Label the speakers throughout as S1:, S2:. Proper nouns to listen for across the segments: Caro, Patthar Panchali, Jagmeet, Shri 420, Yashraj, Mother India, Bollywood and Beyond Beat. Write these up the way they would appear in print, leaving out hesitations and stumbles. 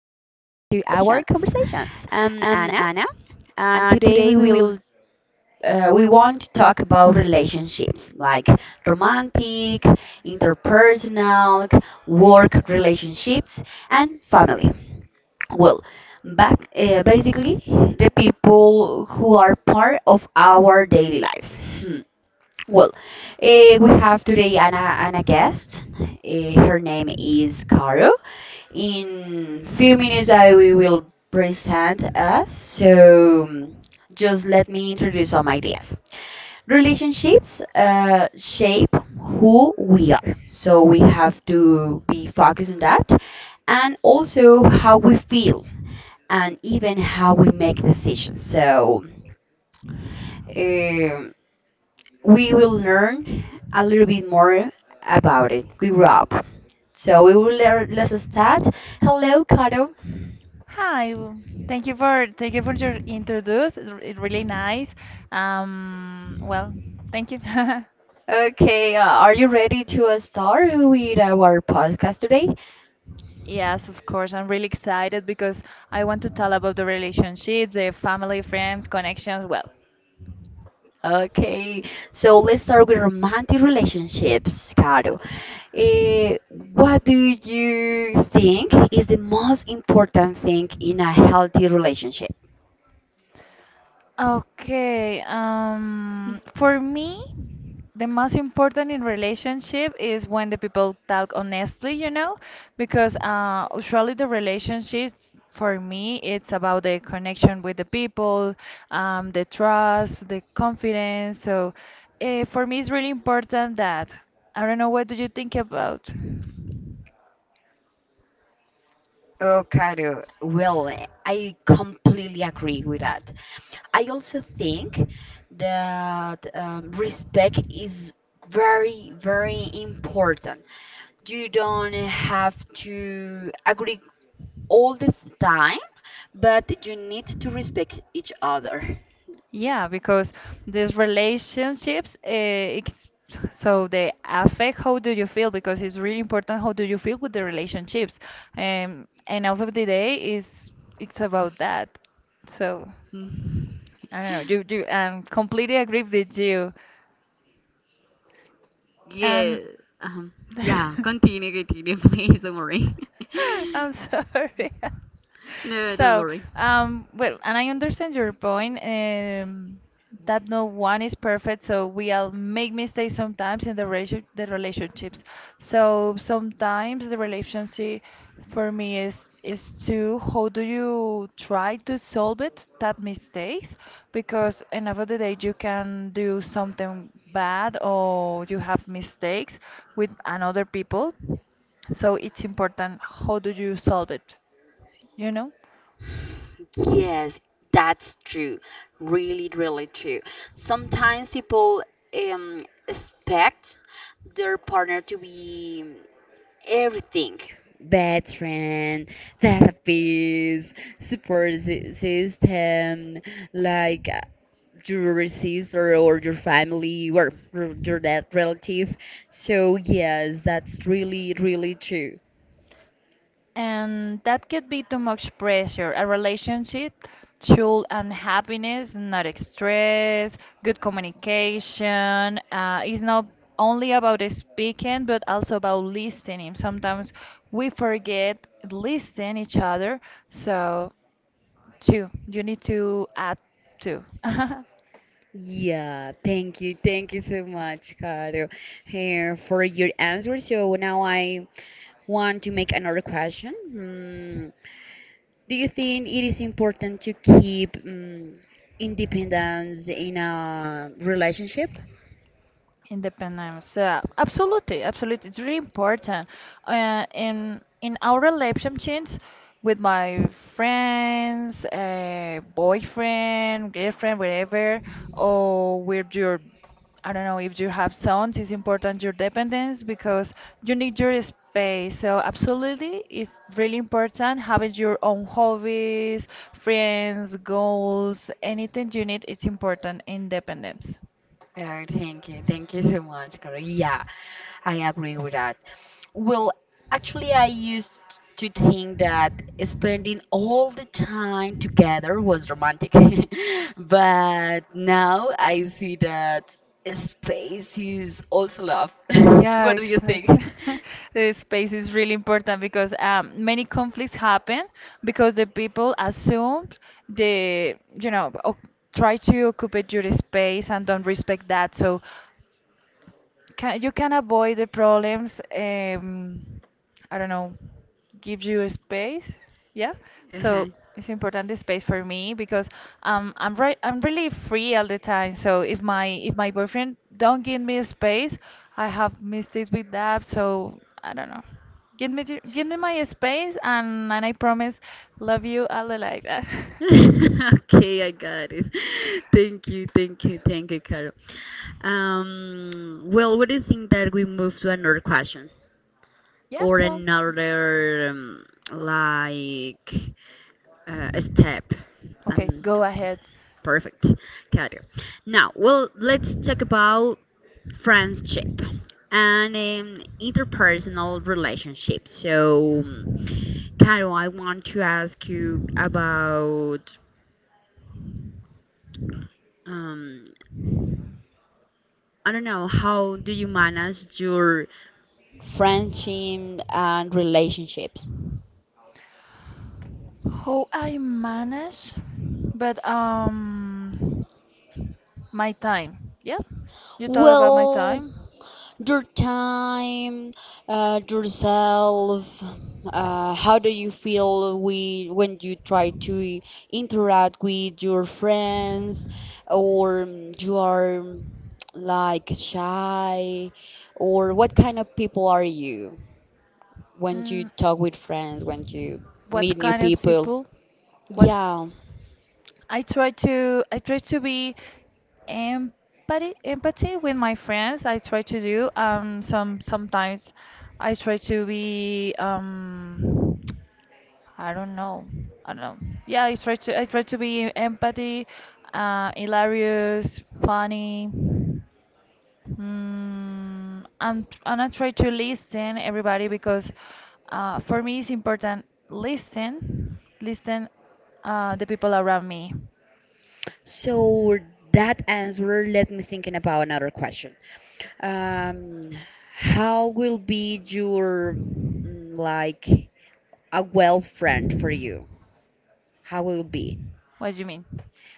S1: our conversations. I'm Anna, and today we will we want to talk about relationships, like romantic, interpersonal, work relationships, and family. Well, back basically the people who are part of our daily lives. Hmm. Well, we have today Anna guest. Her name is Caro. In few minutes, I we will present us. So just let me introduce some ideas. Relationships shape who we are, so we have to be focused on that, and also how we feel, and even how we make decisions. So um, we will learn a little bit more about it. We grow up. So we will learn. Let's start. Hello, Caro.
S2: Thank you for your introduce. It really nice. Um, well, thank you.
S1: Okay, are you ready to start with our podcast today?
S2: Yes, of course. I'm really excited because I want to tell about the relationships, the family, friends, connections. Well,
S1: Okay, so let's start with romantic relationships, Caro. Eh, what do you think is the most important thing in a healthy relationship?
S2: okay, for me, the most important in relationship is when the people talk honestly, you know, because usually the relationships for me it's about the connection with the people, the trust, the confidence. So, for me, it's really important that. I don't know, what do you think about?
S1: Oh, Caro, well, I completely agree with that. I also think that respect is very, very important. You don't have to agree all the time, but you need to respect each other.
S2: Yeah, because these relationships, ex so they affect how do you feel because it's really important how do you feel with the relationships. And out of the day is it's about that. So
S1: Mm.
S2: I don't know. You completely agree with you.
S1: Yeah.
S2: And
S1: Um, yeah, continue, please, don't worry.
S2: I'm sorry.
S1: No, don't
S2: So,
S1: worry.
S2: well, and I understand your point, that no one is perfect, so we all make mistakes sometimes in the ratio the relationships. So sometimes the relationship for me is to how do you try to solve it that mistakes because end of the day you can do something bad or you have mistakes with another people, so it's important how do you solve it, you know?
S1: Yes, that's true. Really, really true. Sometimes people expect their partner to be everything, veteran, therapies, support system, like your sister or your family or your dead relative. So yes, that's really, really true.
S2: And that could be too much pressure. A relationship should and happiness, not stress, good communication. It's not only about speaking, but also about listening. Sometimes we forget listen each other. So, too, you need to add too.
S1: Yeah, thank you, thank you so much, Caro, here for your answer. So now I want to make another question. Hmm. Do you think it is important to keep independence in a relationship?
S2: Independence. Yeah, absolutely, absolutely. It's really important. In our relationships with my friends, boyfriend, girlfriend, whatever, or with your, I don't know, if you have sons, it's important your dependence because you need your space. So absolutely, it's really important having your own hobbies, friends, goals, anything you need. It's important. Independence.
S1: Oh, thank you. Thank you so much, Carol. Yeah, I agree with that. Well, actually, I used to think that spending all the time together was romantic. But now I see that space is also love.
S2: Yeah,
S1: What do you think?
S2: exactly. The space is really important because many conflicts happen because the people assume the, you know, try to occupy your space and don't respect that. So can you can avoid the problems, I don't know, give you a space, yeah,
S1: Uh-huh.
S2: so it's important the space for me because I'm really free all the time. So if my boyfriend don't give me a space, I have mistakes with that, so I don't know, give me my space, and I promise love you all the like that.
S1: Okay, I got it. Thank you, thank you, thank you, Carol. Well, what do you think that we move to another question
S2: Yeah,
S1: or
S2: cool.
S1: another like step?
S2: Okay,
S1: And
S2: go ahead.
S1: perfect, Carol. Now, well, let's talk about friendship and interpersonal relationships. So, Carol, I want to ask you about um, I don't know, how do you manage your friendship and relationships?
S2: How I manage, but my time. Yeah, you talk about my
S1: Well,
S2: time.
S1: your time, yourself. How do you feel when you try to interact with your friends, or you are like shy, or what kind of people are you when you
S2: Mm,
S1: talk with friends, when you meet
S2: what
S1: new
S2: kind of
S1: people?
S2: people? What?
S1: Yeah.
S2: I try to be empathy with my friends. I try to do sometimes I try to be I don't know, I don't know, yeah, I try to be empathy, hilarious, funny. Mm, and I try to listen everybody because, for me it's important listen the people around me.
S1: So that answer let me thinking about another question. Um, how will be your like a well friend for you? How will it be?
S2: What do you mean?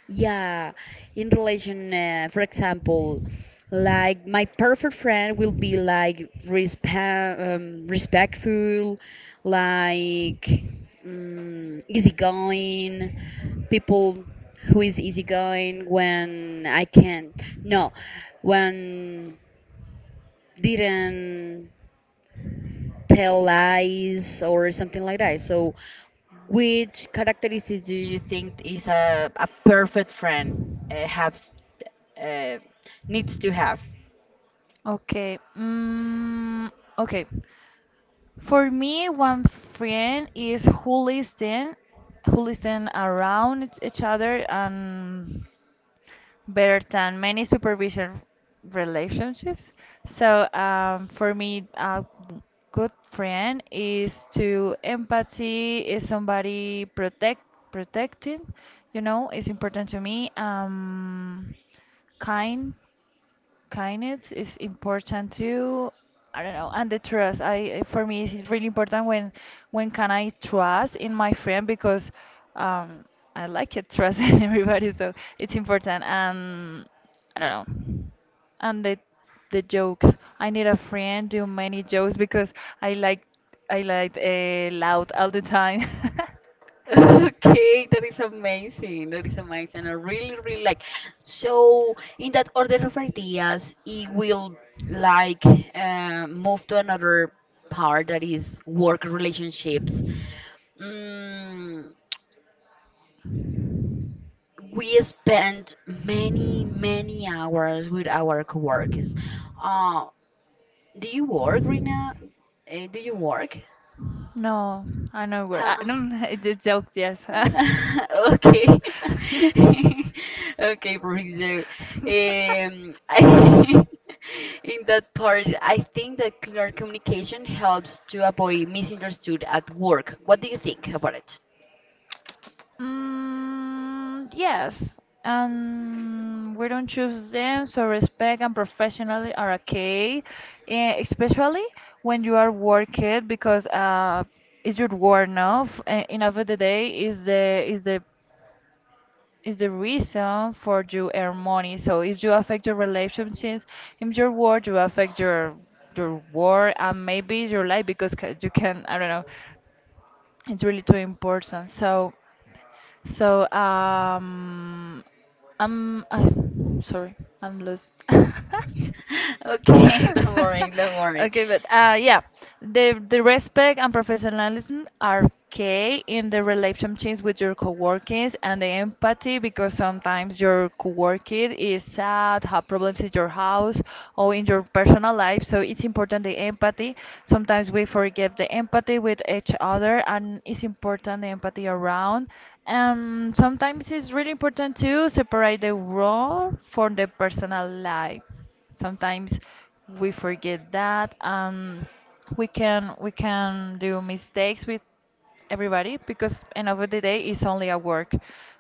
S1: Yeah, in relation, for example, like my perfect friend will be like respectful, like easygoing, people who is easygoing when I can no when didn't tell lies or something like that. So which characteristics do you think is a perfect friend has uh, needs to have?
S2: Okay. Mm, okay. For me, one friend is who listen around each other and better than many supervision relationships. So, for me, a good friend is to empathy, is somebody protecting, you know, is important to me. Kind kindness is important too. I don't know, and the trust. For me is really important when can I trust in my friend because um I like it, trust in everybody, so it's important. And I don't know, and the jokes. I need a friend do many jokes because I like I like loud all the time.
S1: Okay, that is amazing. That is amazing. I really, really like. So, in that order of ideas, it will like move to another part that is work relationships. Mm, we spend many, many hours with our coworkers. Uh, do you work right now? Do you work?
S2: No, I know where. I,
S1: Uh-uh.
S2: no, it's a joke. Yes.
S1: Okay. Okay, perfect. So, I in that part, I think that clear communication helps to avoid misunderstood at work. What do you think about it?
S2: Mm, yes, and we don't choose them, so respect and professionally are okay, especially when you are working because, it's your work now. End of the day is the is the is the reason for you earn money. So if you affect your relationships in your work, you affect your work and maybe your life because you can, I don't know, it's really too important. So, so I'm I, sorry, I'm lost.
S1: Okay, don't worry, don't worry.
S2: Okay, but yeah, the respect and professionalism are key in the relationships with your coworkers and the empathy because sometimes your coworker is sad, have problems in your house or in your personal life life. So it's important the empathy. Sometimes we forget the empathy with each other, and it's important the empathy around. And sometimes it's really important to separate the role from the personal life. Sometimes we forget that. We can do mistakes with everybody because end of the day it's only a work.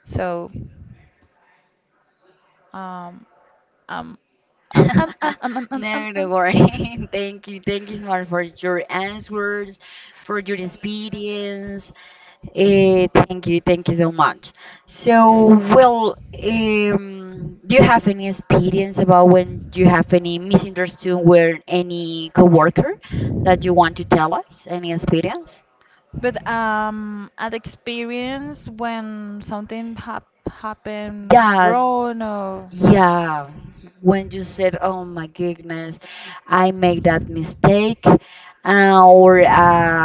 S2: So um um um um um um um um um
S1: No, don't
S2: um.
S1: worry. Thank you. Thank you so much for your answers, for your experience. Thank you. Thank you so much. So, well, do you have any experience about when you have any misunderstanding with any coworker that you want to tell us? Any experience?
S2: But an experience when something happened
S1: Yeah,
S2: wrong or
S1: yeah. When you said, "Oh my goodness, I made that mistake," or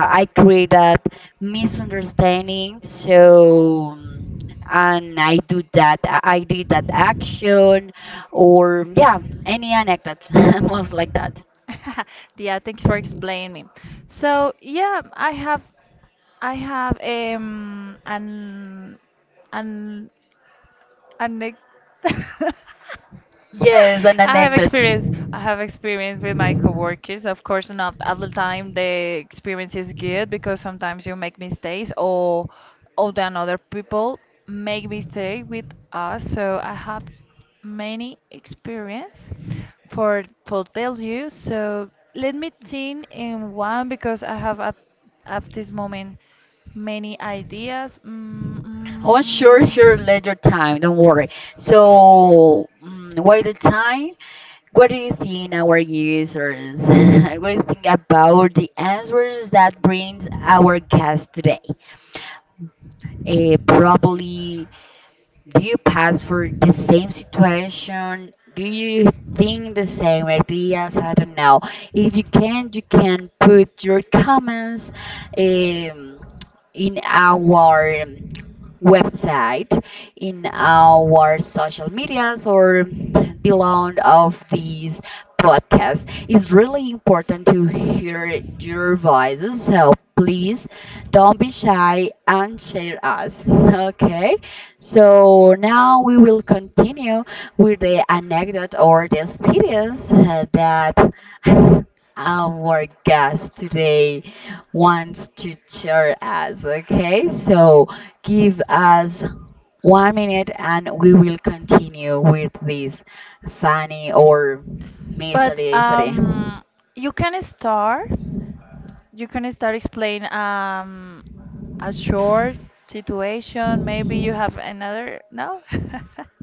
S1: I create that misunderstanding, so and I do that, I did that action, or yeah, any anecdote, most like that.
S2: yeah, thanks for explaining. So yeah, I have. I have an Anec. I
S1: Yes, an
S2: have
S1: anecdote.
S2: experience. I have experience with my coworkers. Of course, not all the time the experience is good because sometimes you make mistakes or then other people make mistake with us. So I have many experience for tell you. So let me think in one because I have at this moment many ideas. Mm, mm,
S1: Oh, sure, sure,
S2: mm.
S1: leisure time, don't worry. So, while the time, what do you think our users, what do you think about the answers that brings our guest today? Probably do you pass for the same situation? Do you think the same ideas? I don't know. If you can, you can put your comments um, in our website, in our social medias, or below of these podcasts. It's really important to hear your voices. So please don't be shy and share us. Okay. So now we will continue with the anecdote or the experience that our guest today wants to share us. Okay, so give us 1 minute and we will continue with this funny or
S2: But
S1: mystery story.
S2: you can start. You can start explain, a short situation. Maybe you have another no.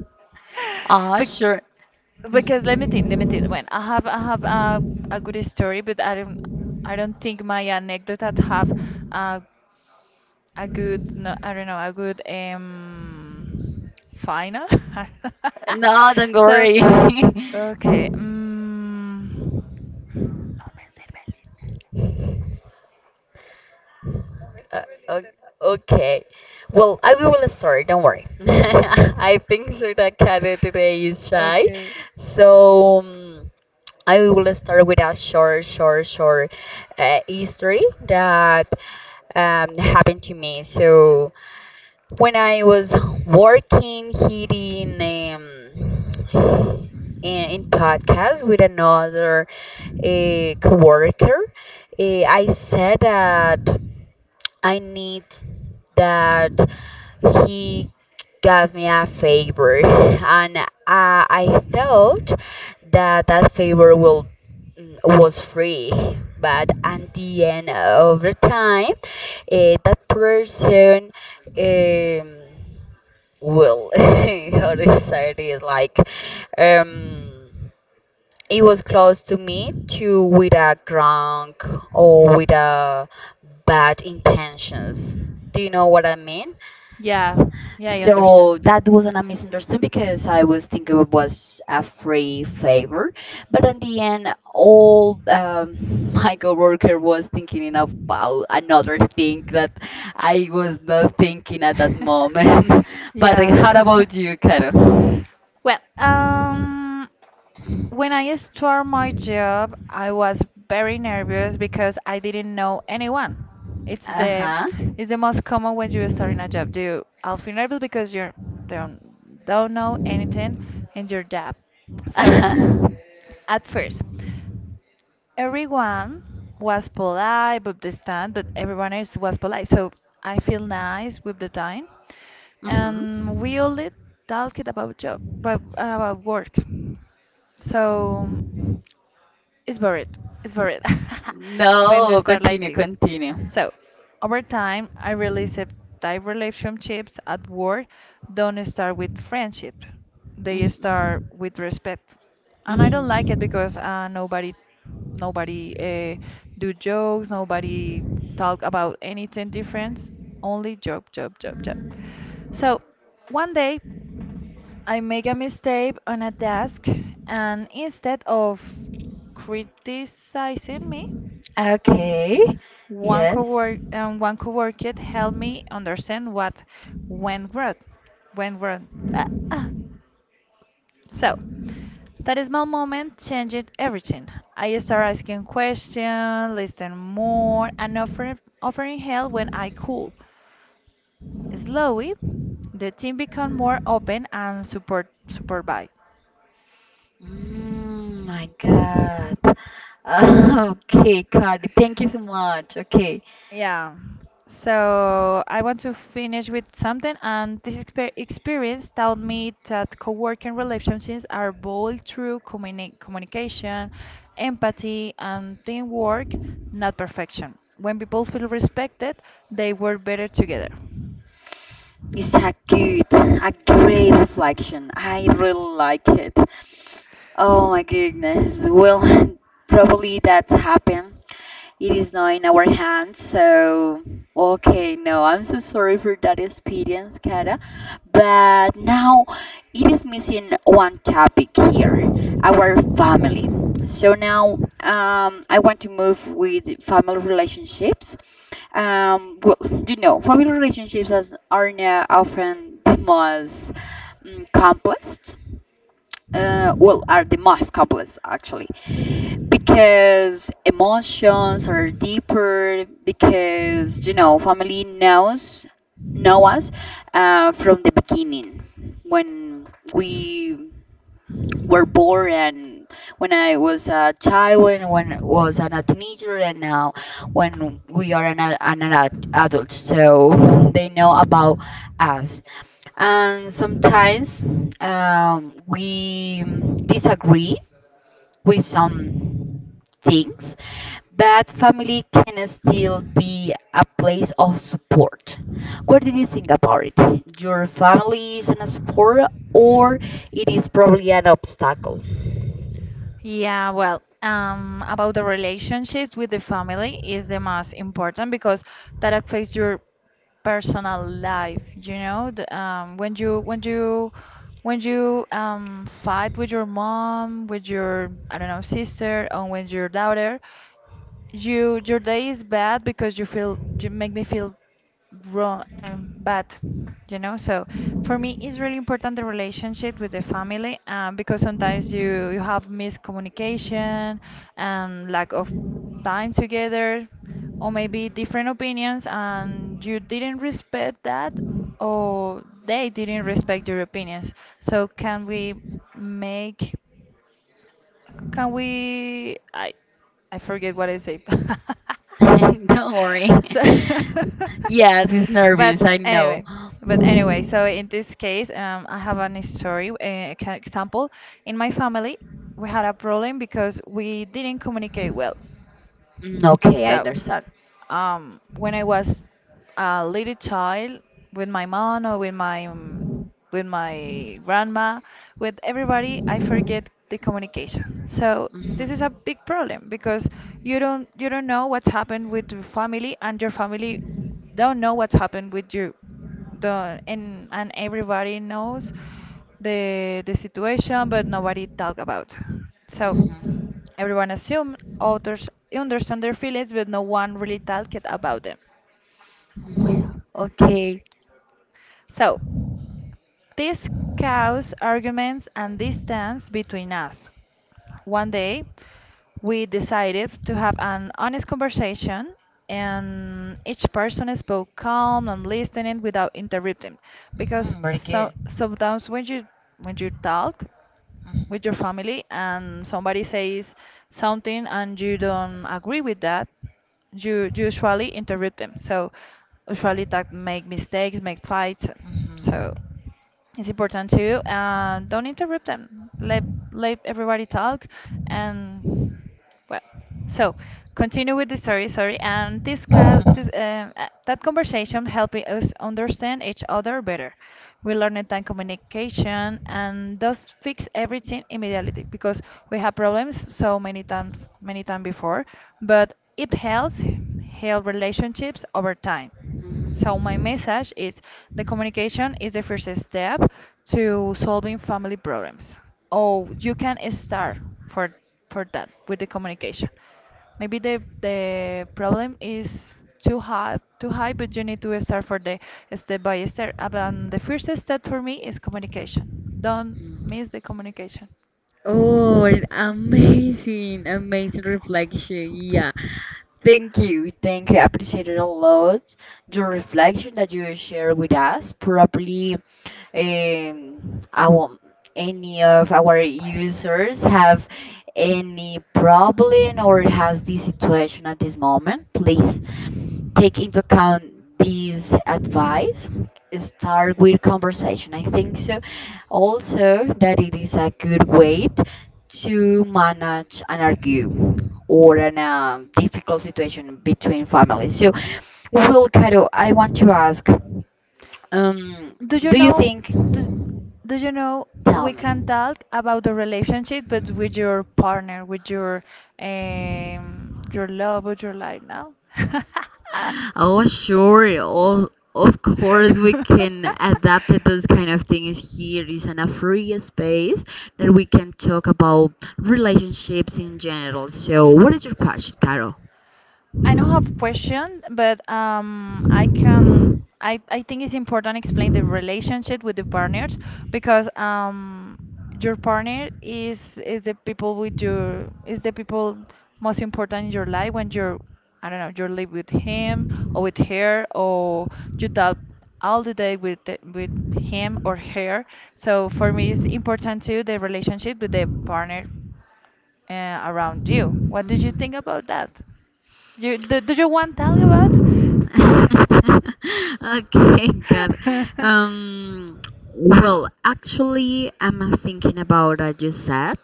S1: Ah,
S2: But
S1: sure. Y-
S2: because let me think, let me think. When I have a good story, but I don't think my anecdote that have a a good no I don't know a good final.
S1: No, don't
S2: So
S1: worry.
S2: okay.
S1: Uh, o- okay. Well, I will start, don't worry. I think so that Karen today is shy.
S2: Okay.
S1: So I will start with a short history that happened to me. So when I was working here in um, in podcast with another coworker, I said that. I need that he gave me a favor, and I thought that that favor will was free. But at the end of the time, that person um, will how to say it is like um it was close to me to with a drunk or with a bad intentions. Do you know what I mean?
S2: Yeah. Yeah, I understand.
S1: So that wasn't a misunderstanding because I was thinking it was a free favor, but in the end, all my coworker was thinking about another thing that I was not thinking at that moment. But
S2: Yeah.
S1: how about you, Caro?
S2: Well, when I started my job, I was very nervous because I didn't know anyone. It's
S1: Uh
S2: the
S1: huh.
S2: it's the most common when you start in a job. You I'll feel nervous because you don't don't know anything in your job.
S1: Uh
S2: So
S1: huh.
S2: at first, everyone was polite with the stand, but everyone else was polite. So I feel nice with the time,
S1: Mhm.
S2: and we only talked about job, about work. So. It's boring. It's boring when you
S1: No,
S2: start like
S1: continue,
S2: this.
S1: continue.
S2: So, over time, I realized that relationships at work don't start with friendship. They start
S1: Mhm.
S2: with respect, and I don't like it
S1: Mhm.
S2: because, nobody, nobody uh, do jokes. Nobody talk about anything different. Only job, job, job, job. So, one day. I make a mistake on a task, and instead of criticizing me,
S1: Okay. Yes.
S2: one coworker helped me understand what went wrong. Went wrong. Ah, ah. So that small moment changed everything. I started asking questions, listening more, and offering help when I could. Slowly, the team became more open and supportive.
S1: Mm, my God. Okay, Cardi, thank you so much. Okay.
S2: Yeah. So I want to finish with something, and this experience taught me that co-working relationships are built through communication, empathy, and teamwork, not perfection. When people feel respected, they work better together.
S1: It's a good, a great reflection. I really like it. Oh my goodness. Well, probably that happened. It is not in our hands, so okay, no, I'm so sorry for that experience, Kara. But now it is missing one topic here, our family. So now I want to move with family relationships. Well, you know, family relationships as are now often the most complex, well, are the most couples actually, because emotions are deeper. Because you know, family know us from the beginning when we were born, and when I was a child, when I was a teenager, and now when we are an adult, so they know about us. And sometimes we disagree with some things, but family can still be a place of support. What did you think about it? Your family is a support or it is probably an obstacle?
S2: Yeah, well, about the relationships with the family is the most important because that affects your personal life, you know, the, when you when you, fight with your mom, with your I don't know sister, or with your daughter, your day is bad because you feel you make me feel wrong, bad, you know. So for me, it's really important the relationship with the family, because sometimes you have miscommunication and lack of time together, or maybe different opinions, and you didn't respect that, or they didn't respect your opinions. So can we make? Can we? I forget what I said.
S1: Don't worry.
S2: So,
S1: Yes, it's
S2: but
S1: nervous, I know.
S2: anyway, but anyway, so in this case, I have an story, an example. In my family, we had a problem because we didn't communicate well.
S1: Mm, okay, I
S2: So,
S1: understand.
S2: when I was a little child, with my mom or with my, with my grandma, with everybody, I forget the communication. So this is a
S1: Mhm.
S2: big problem because you don't know what's happened with your family, and your family don't know what's happened with you. The And everybody knows the situation, but nobody talk about. So. Everyone assumes others understand their feelings, but no one really talked about them. No puedo.
S1: Okay.
S2: So, this caused arguments and distance between us. One day, we decided to have an honest conversation, and each person spoke calm and listening without interrupting. Because so, sometimes when you talk with your family and somebody says something and you don't agree with that, you usually interrupt them. So usually that make mistakes, make fights. So. It's important too. Don't interrupt them. Let everybody talk, and well, so continue with the story. Sorry, and this this that conversation helped us understand each other better. We learned that communication and does fix everything immediately because we have problems so many times before, but it helps heal relationships over time. So my message is the communication is the first step to solving family problems. Oh, you can start for for that with the communication. Maybe the problem is too high, but you need to start for the step by step. The first step for me is communication. Don't miss the communication.
S1: Oh, amazing, amazing reflection. Yeah. Thank you. Thank you. I appreciate it a lot. Your reflection that you share with us. Probably our, any of our users have any problem or has this situation at this moment. Please take into account these advice, start with conversation. I think so also that it is a good way to manage an argue or an a difficult situation between families. So will Caro, I want to ask um,
S2: Do you
S1: do you
S2: know?
S1: think,
S2: Do, do you know?
S1: tell
S2: We
S1: me.
S2: can talk about the relationship, but with your partner, with your love, with your life now.
S1: Oh, sure. Of course, we
S2: Mhm.
S1: can adapt it, those kind of things here. It's in a free space that we can talk about relationships in general. So, what is your question, Carol?
S2: I don't have question, but I can. I think it's important to explain the relationship with the partners because your partner is the people with your is the people most important in your life when you're I don't know you live with him or with her or you talk all the day with with him or her. So for me, it's
S1: Mhm.
S2: important too the relationship with the partner around you. What did you think about that? You, do you want to tell about?
S1: Okay, got it. Um, well, actually, I'm thinking about what you said.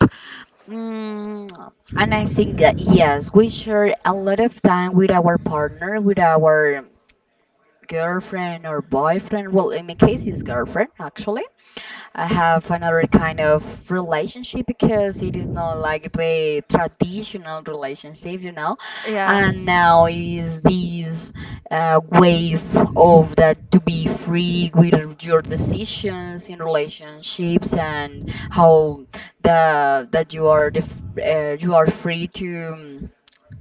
S1: Mm, and I think that yes, we share a lot of time with our partner, with our girlfriend or boyfriend. Well, in my case, it's girlfriend actually. I have another kind of relationship because it is not like the traditional relationship, you know.
S2: Yeah.
S1: And now it is this wave of that to be free with your decisions in relationships and how the that you are you are free to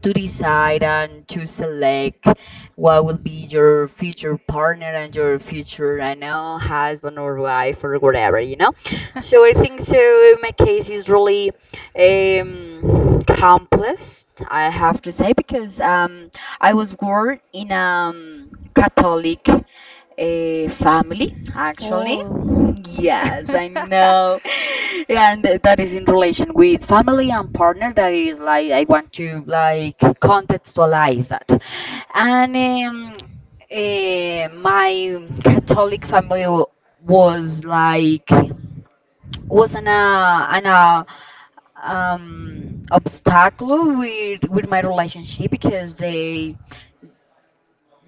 S1: decide and to select what will be your future partner and your future, I know, husband or wife or whatever, you know? So I think so in my case is really complex, I have to say, because I was born in a um, Catholic a family, actually.
S2: Oh,
S1: Yes, I know. And that is in relation with family and partner. That is like I want to like contextualize that. And my Catholic family was like was an obstacle with my relationship because they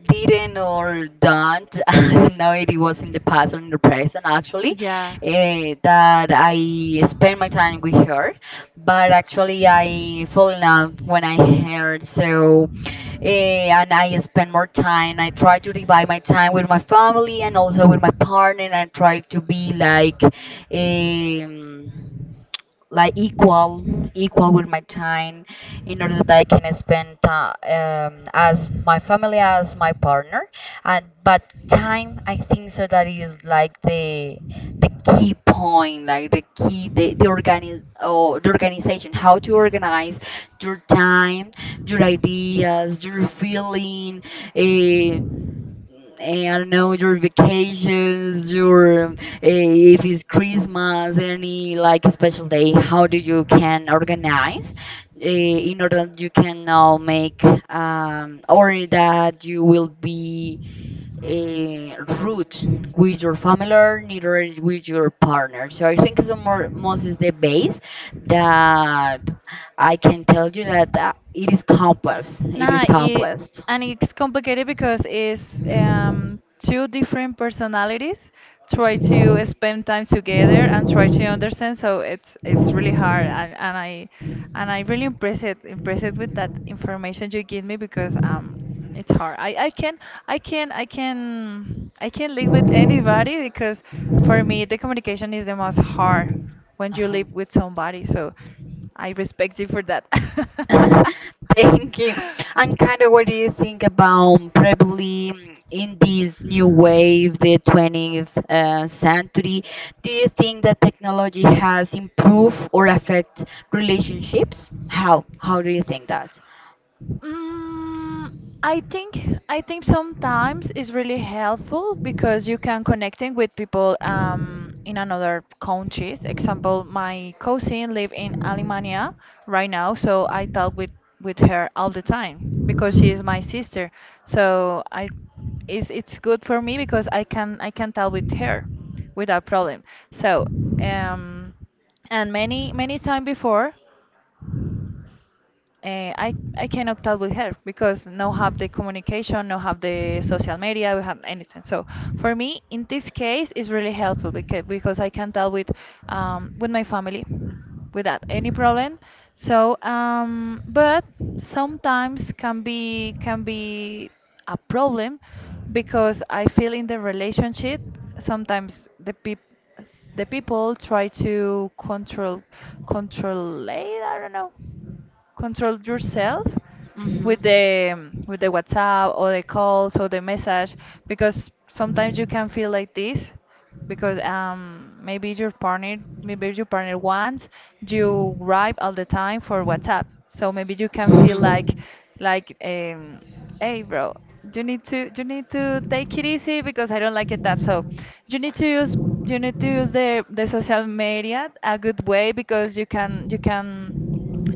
S1: didn't or don't I don't know if it was in the past or in the present actually.
S2: yeah.
S1: That I spend my time with her, but actually I fall in love when I heard so. And I spend more time. I try to divide my time with my family and also with my partner, and I try to be um, like equal with my time in order that I can spend time as my family as my partner. And but time, I think so that is like the key point, like the key, the organiz or the organization, how to organize your time, your ideas, your feeling, uh, I don't know, your vacations, your if it's Christmas, any like special day, how do you can organize in order that you can now make or that you will be a root with your family or neither with your partner. So I think some more most is the base that I can tell you that it is complex. It is
S2: Nah, it,
S1: complex.
S2: and it's complicated because it's two different personalities try to spend time together and try to understand. So it's really hard, and I and I really impressed with that information you give me because it's hard. I can I can I can live with anybody because for me the communication is the most hard when you live with somebody. So I respect you for that.
S1: Thank you. And kind of what do you think about probably in this new wave, the 20th century? Do you think that technology has improved or affect relationships? How? How do you think that?
S2: Mm, I think I think sometimes it's really helpful because you can connecting with people in another countries. Example, my cousin live in Alemania right now, so I talk with her all the time because she is my sister. So I it's good for me because I can talk with her without problem. So um, and many time before I cannot talk with her because no have the communication, no have the social media, we have anything. So for me, in this case, it's really helpful because I can talk with my family without any problem. So but sometimes can be a problem because I feel in the relationship sometimes the people try to control control it, I don't know control yourself
S1: Hmm. Mhm.
S2: with the WhatsApp or the calls or the message because sometimes you can feel like this because maybe your partner wants you write all the time for WhatsApp so maybe you can feel like like um hey bro you need to take it easy because I don't like it that so you need to use you need to use the social media a good way because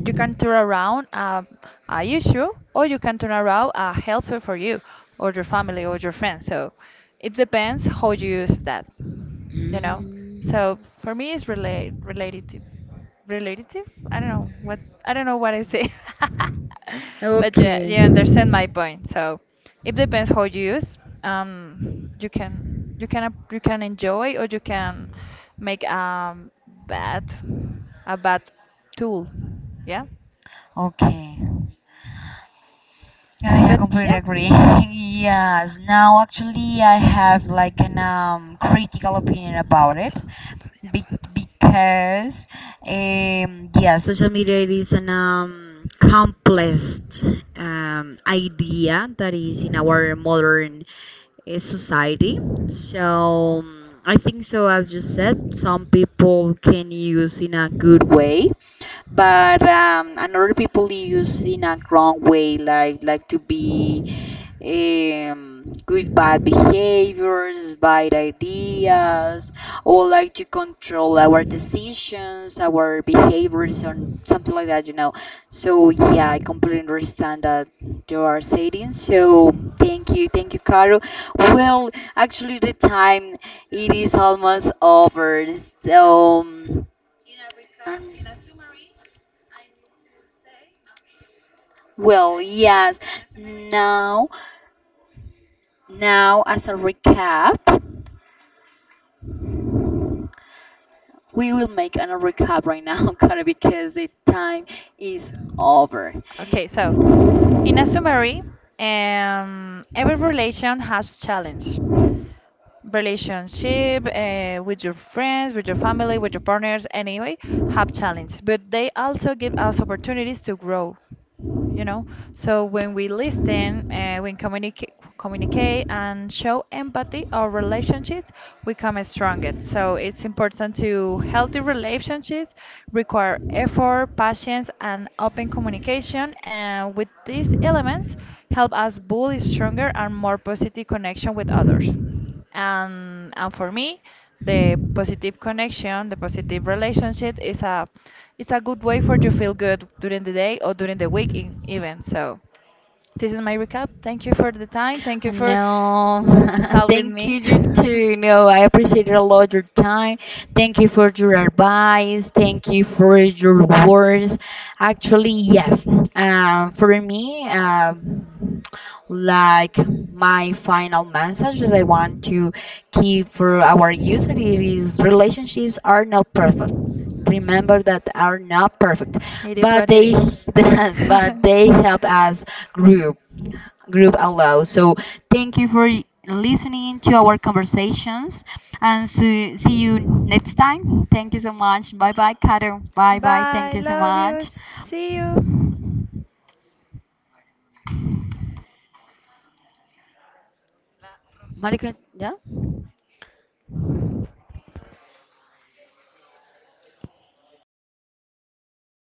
S2: you can turn around a issue, or you can turn around a helper for you, or your family, or your friends. So it depends how you use that, you know.
S1: Mm.
S2: So for me, it's relate related relative I don't know what I say but yeah you
S1: Okay.
S2: understand my point so it depends how you use you can you can enjoy or you can make bad a bad tool yeah
S1: Okay. I
S2: but yeah
S1: completely agree. Yes. Now, actually, I have like an critical
S2: Con
S1: opinion about
S2: el
S1: it,
S2: dos minutos ya
S1: be
S2: podemos.
S1: because yeah, social media is an complex idea that is in our modern a society. So mm, I think so, as you said, some people can use in a good way, but another people use in a wrong way, like to be good bad behaviors, bad ideas us or like to control our decisions, our behaviors, or something like that, you know. So yeah, I completely understand that you are saying. So thank you, Caro. Well, actually, the time it is almost over. So. Um, well, yes. Now, now as a recap. We will make another recap right now, Cara, because the time is over.
S2: Okay, so in a summary, every relation has challenge. Relationship with your friends, with your family, with your partners, anyway, have challenges. But they also give us opportunities to grow, you know. So when we listen, communicate and show empathy, our relationships become stronger. So it's important to healthy relationships require effort, patience, and open communication. And with these elements, help us build stronger and more positive connection with others. And for me, the positive relationship is a it's a good way for you to feel good during the day or during the week in, even. So this is my recap. Thank you for the time. Thank
S1: I
S2: you for
S1: know.
S2: talk with
S1: Thank you,
S2: me.
S1: you too. No, I appreciate a lot your time. Thank you for your advice. Thank you for your words. Actually, yes. For me, like my final message that I want to keep for our user, it is relationships are not perfect. Remember that are not perfect,
S2: It is
S1: but
S2: what it
S1: they
S2: is.
S1: but they help us group group allow. So thank you for listening to our conversations, and so see you next time. Thank you so much. Bye bye, Caro. Bye bye. Thank
S2: Bye.
S1: you so
S2: Love you.
S1: much.
S2: See you.
S1: Marika, yeah.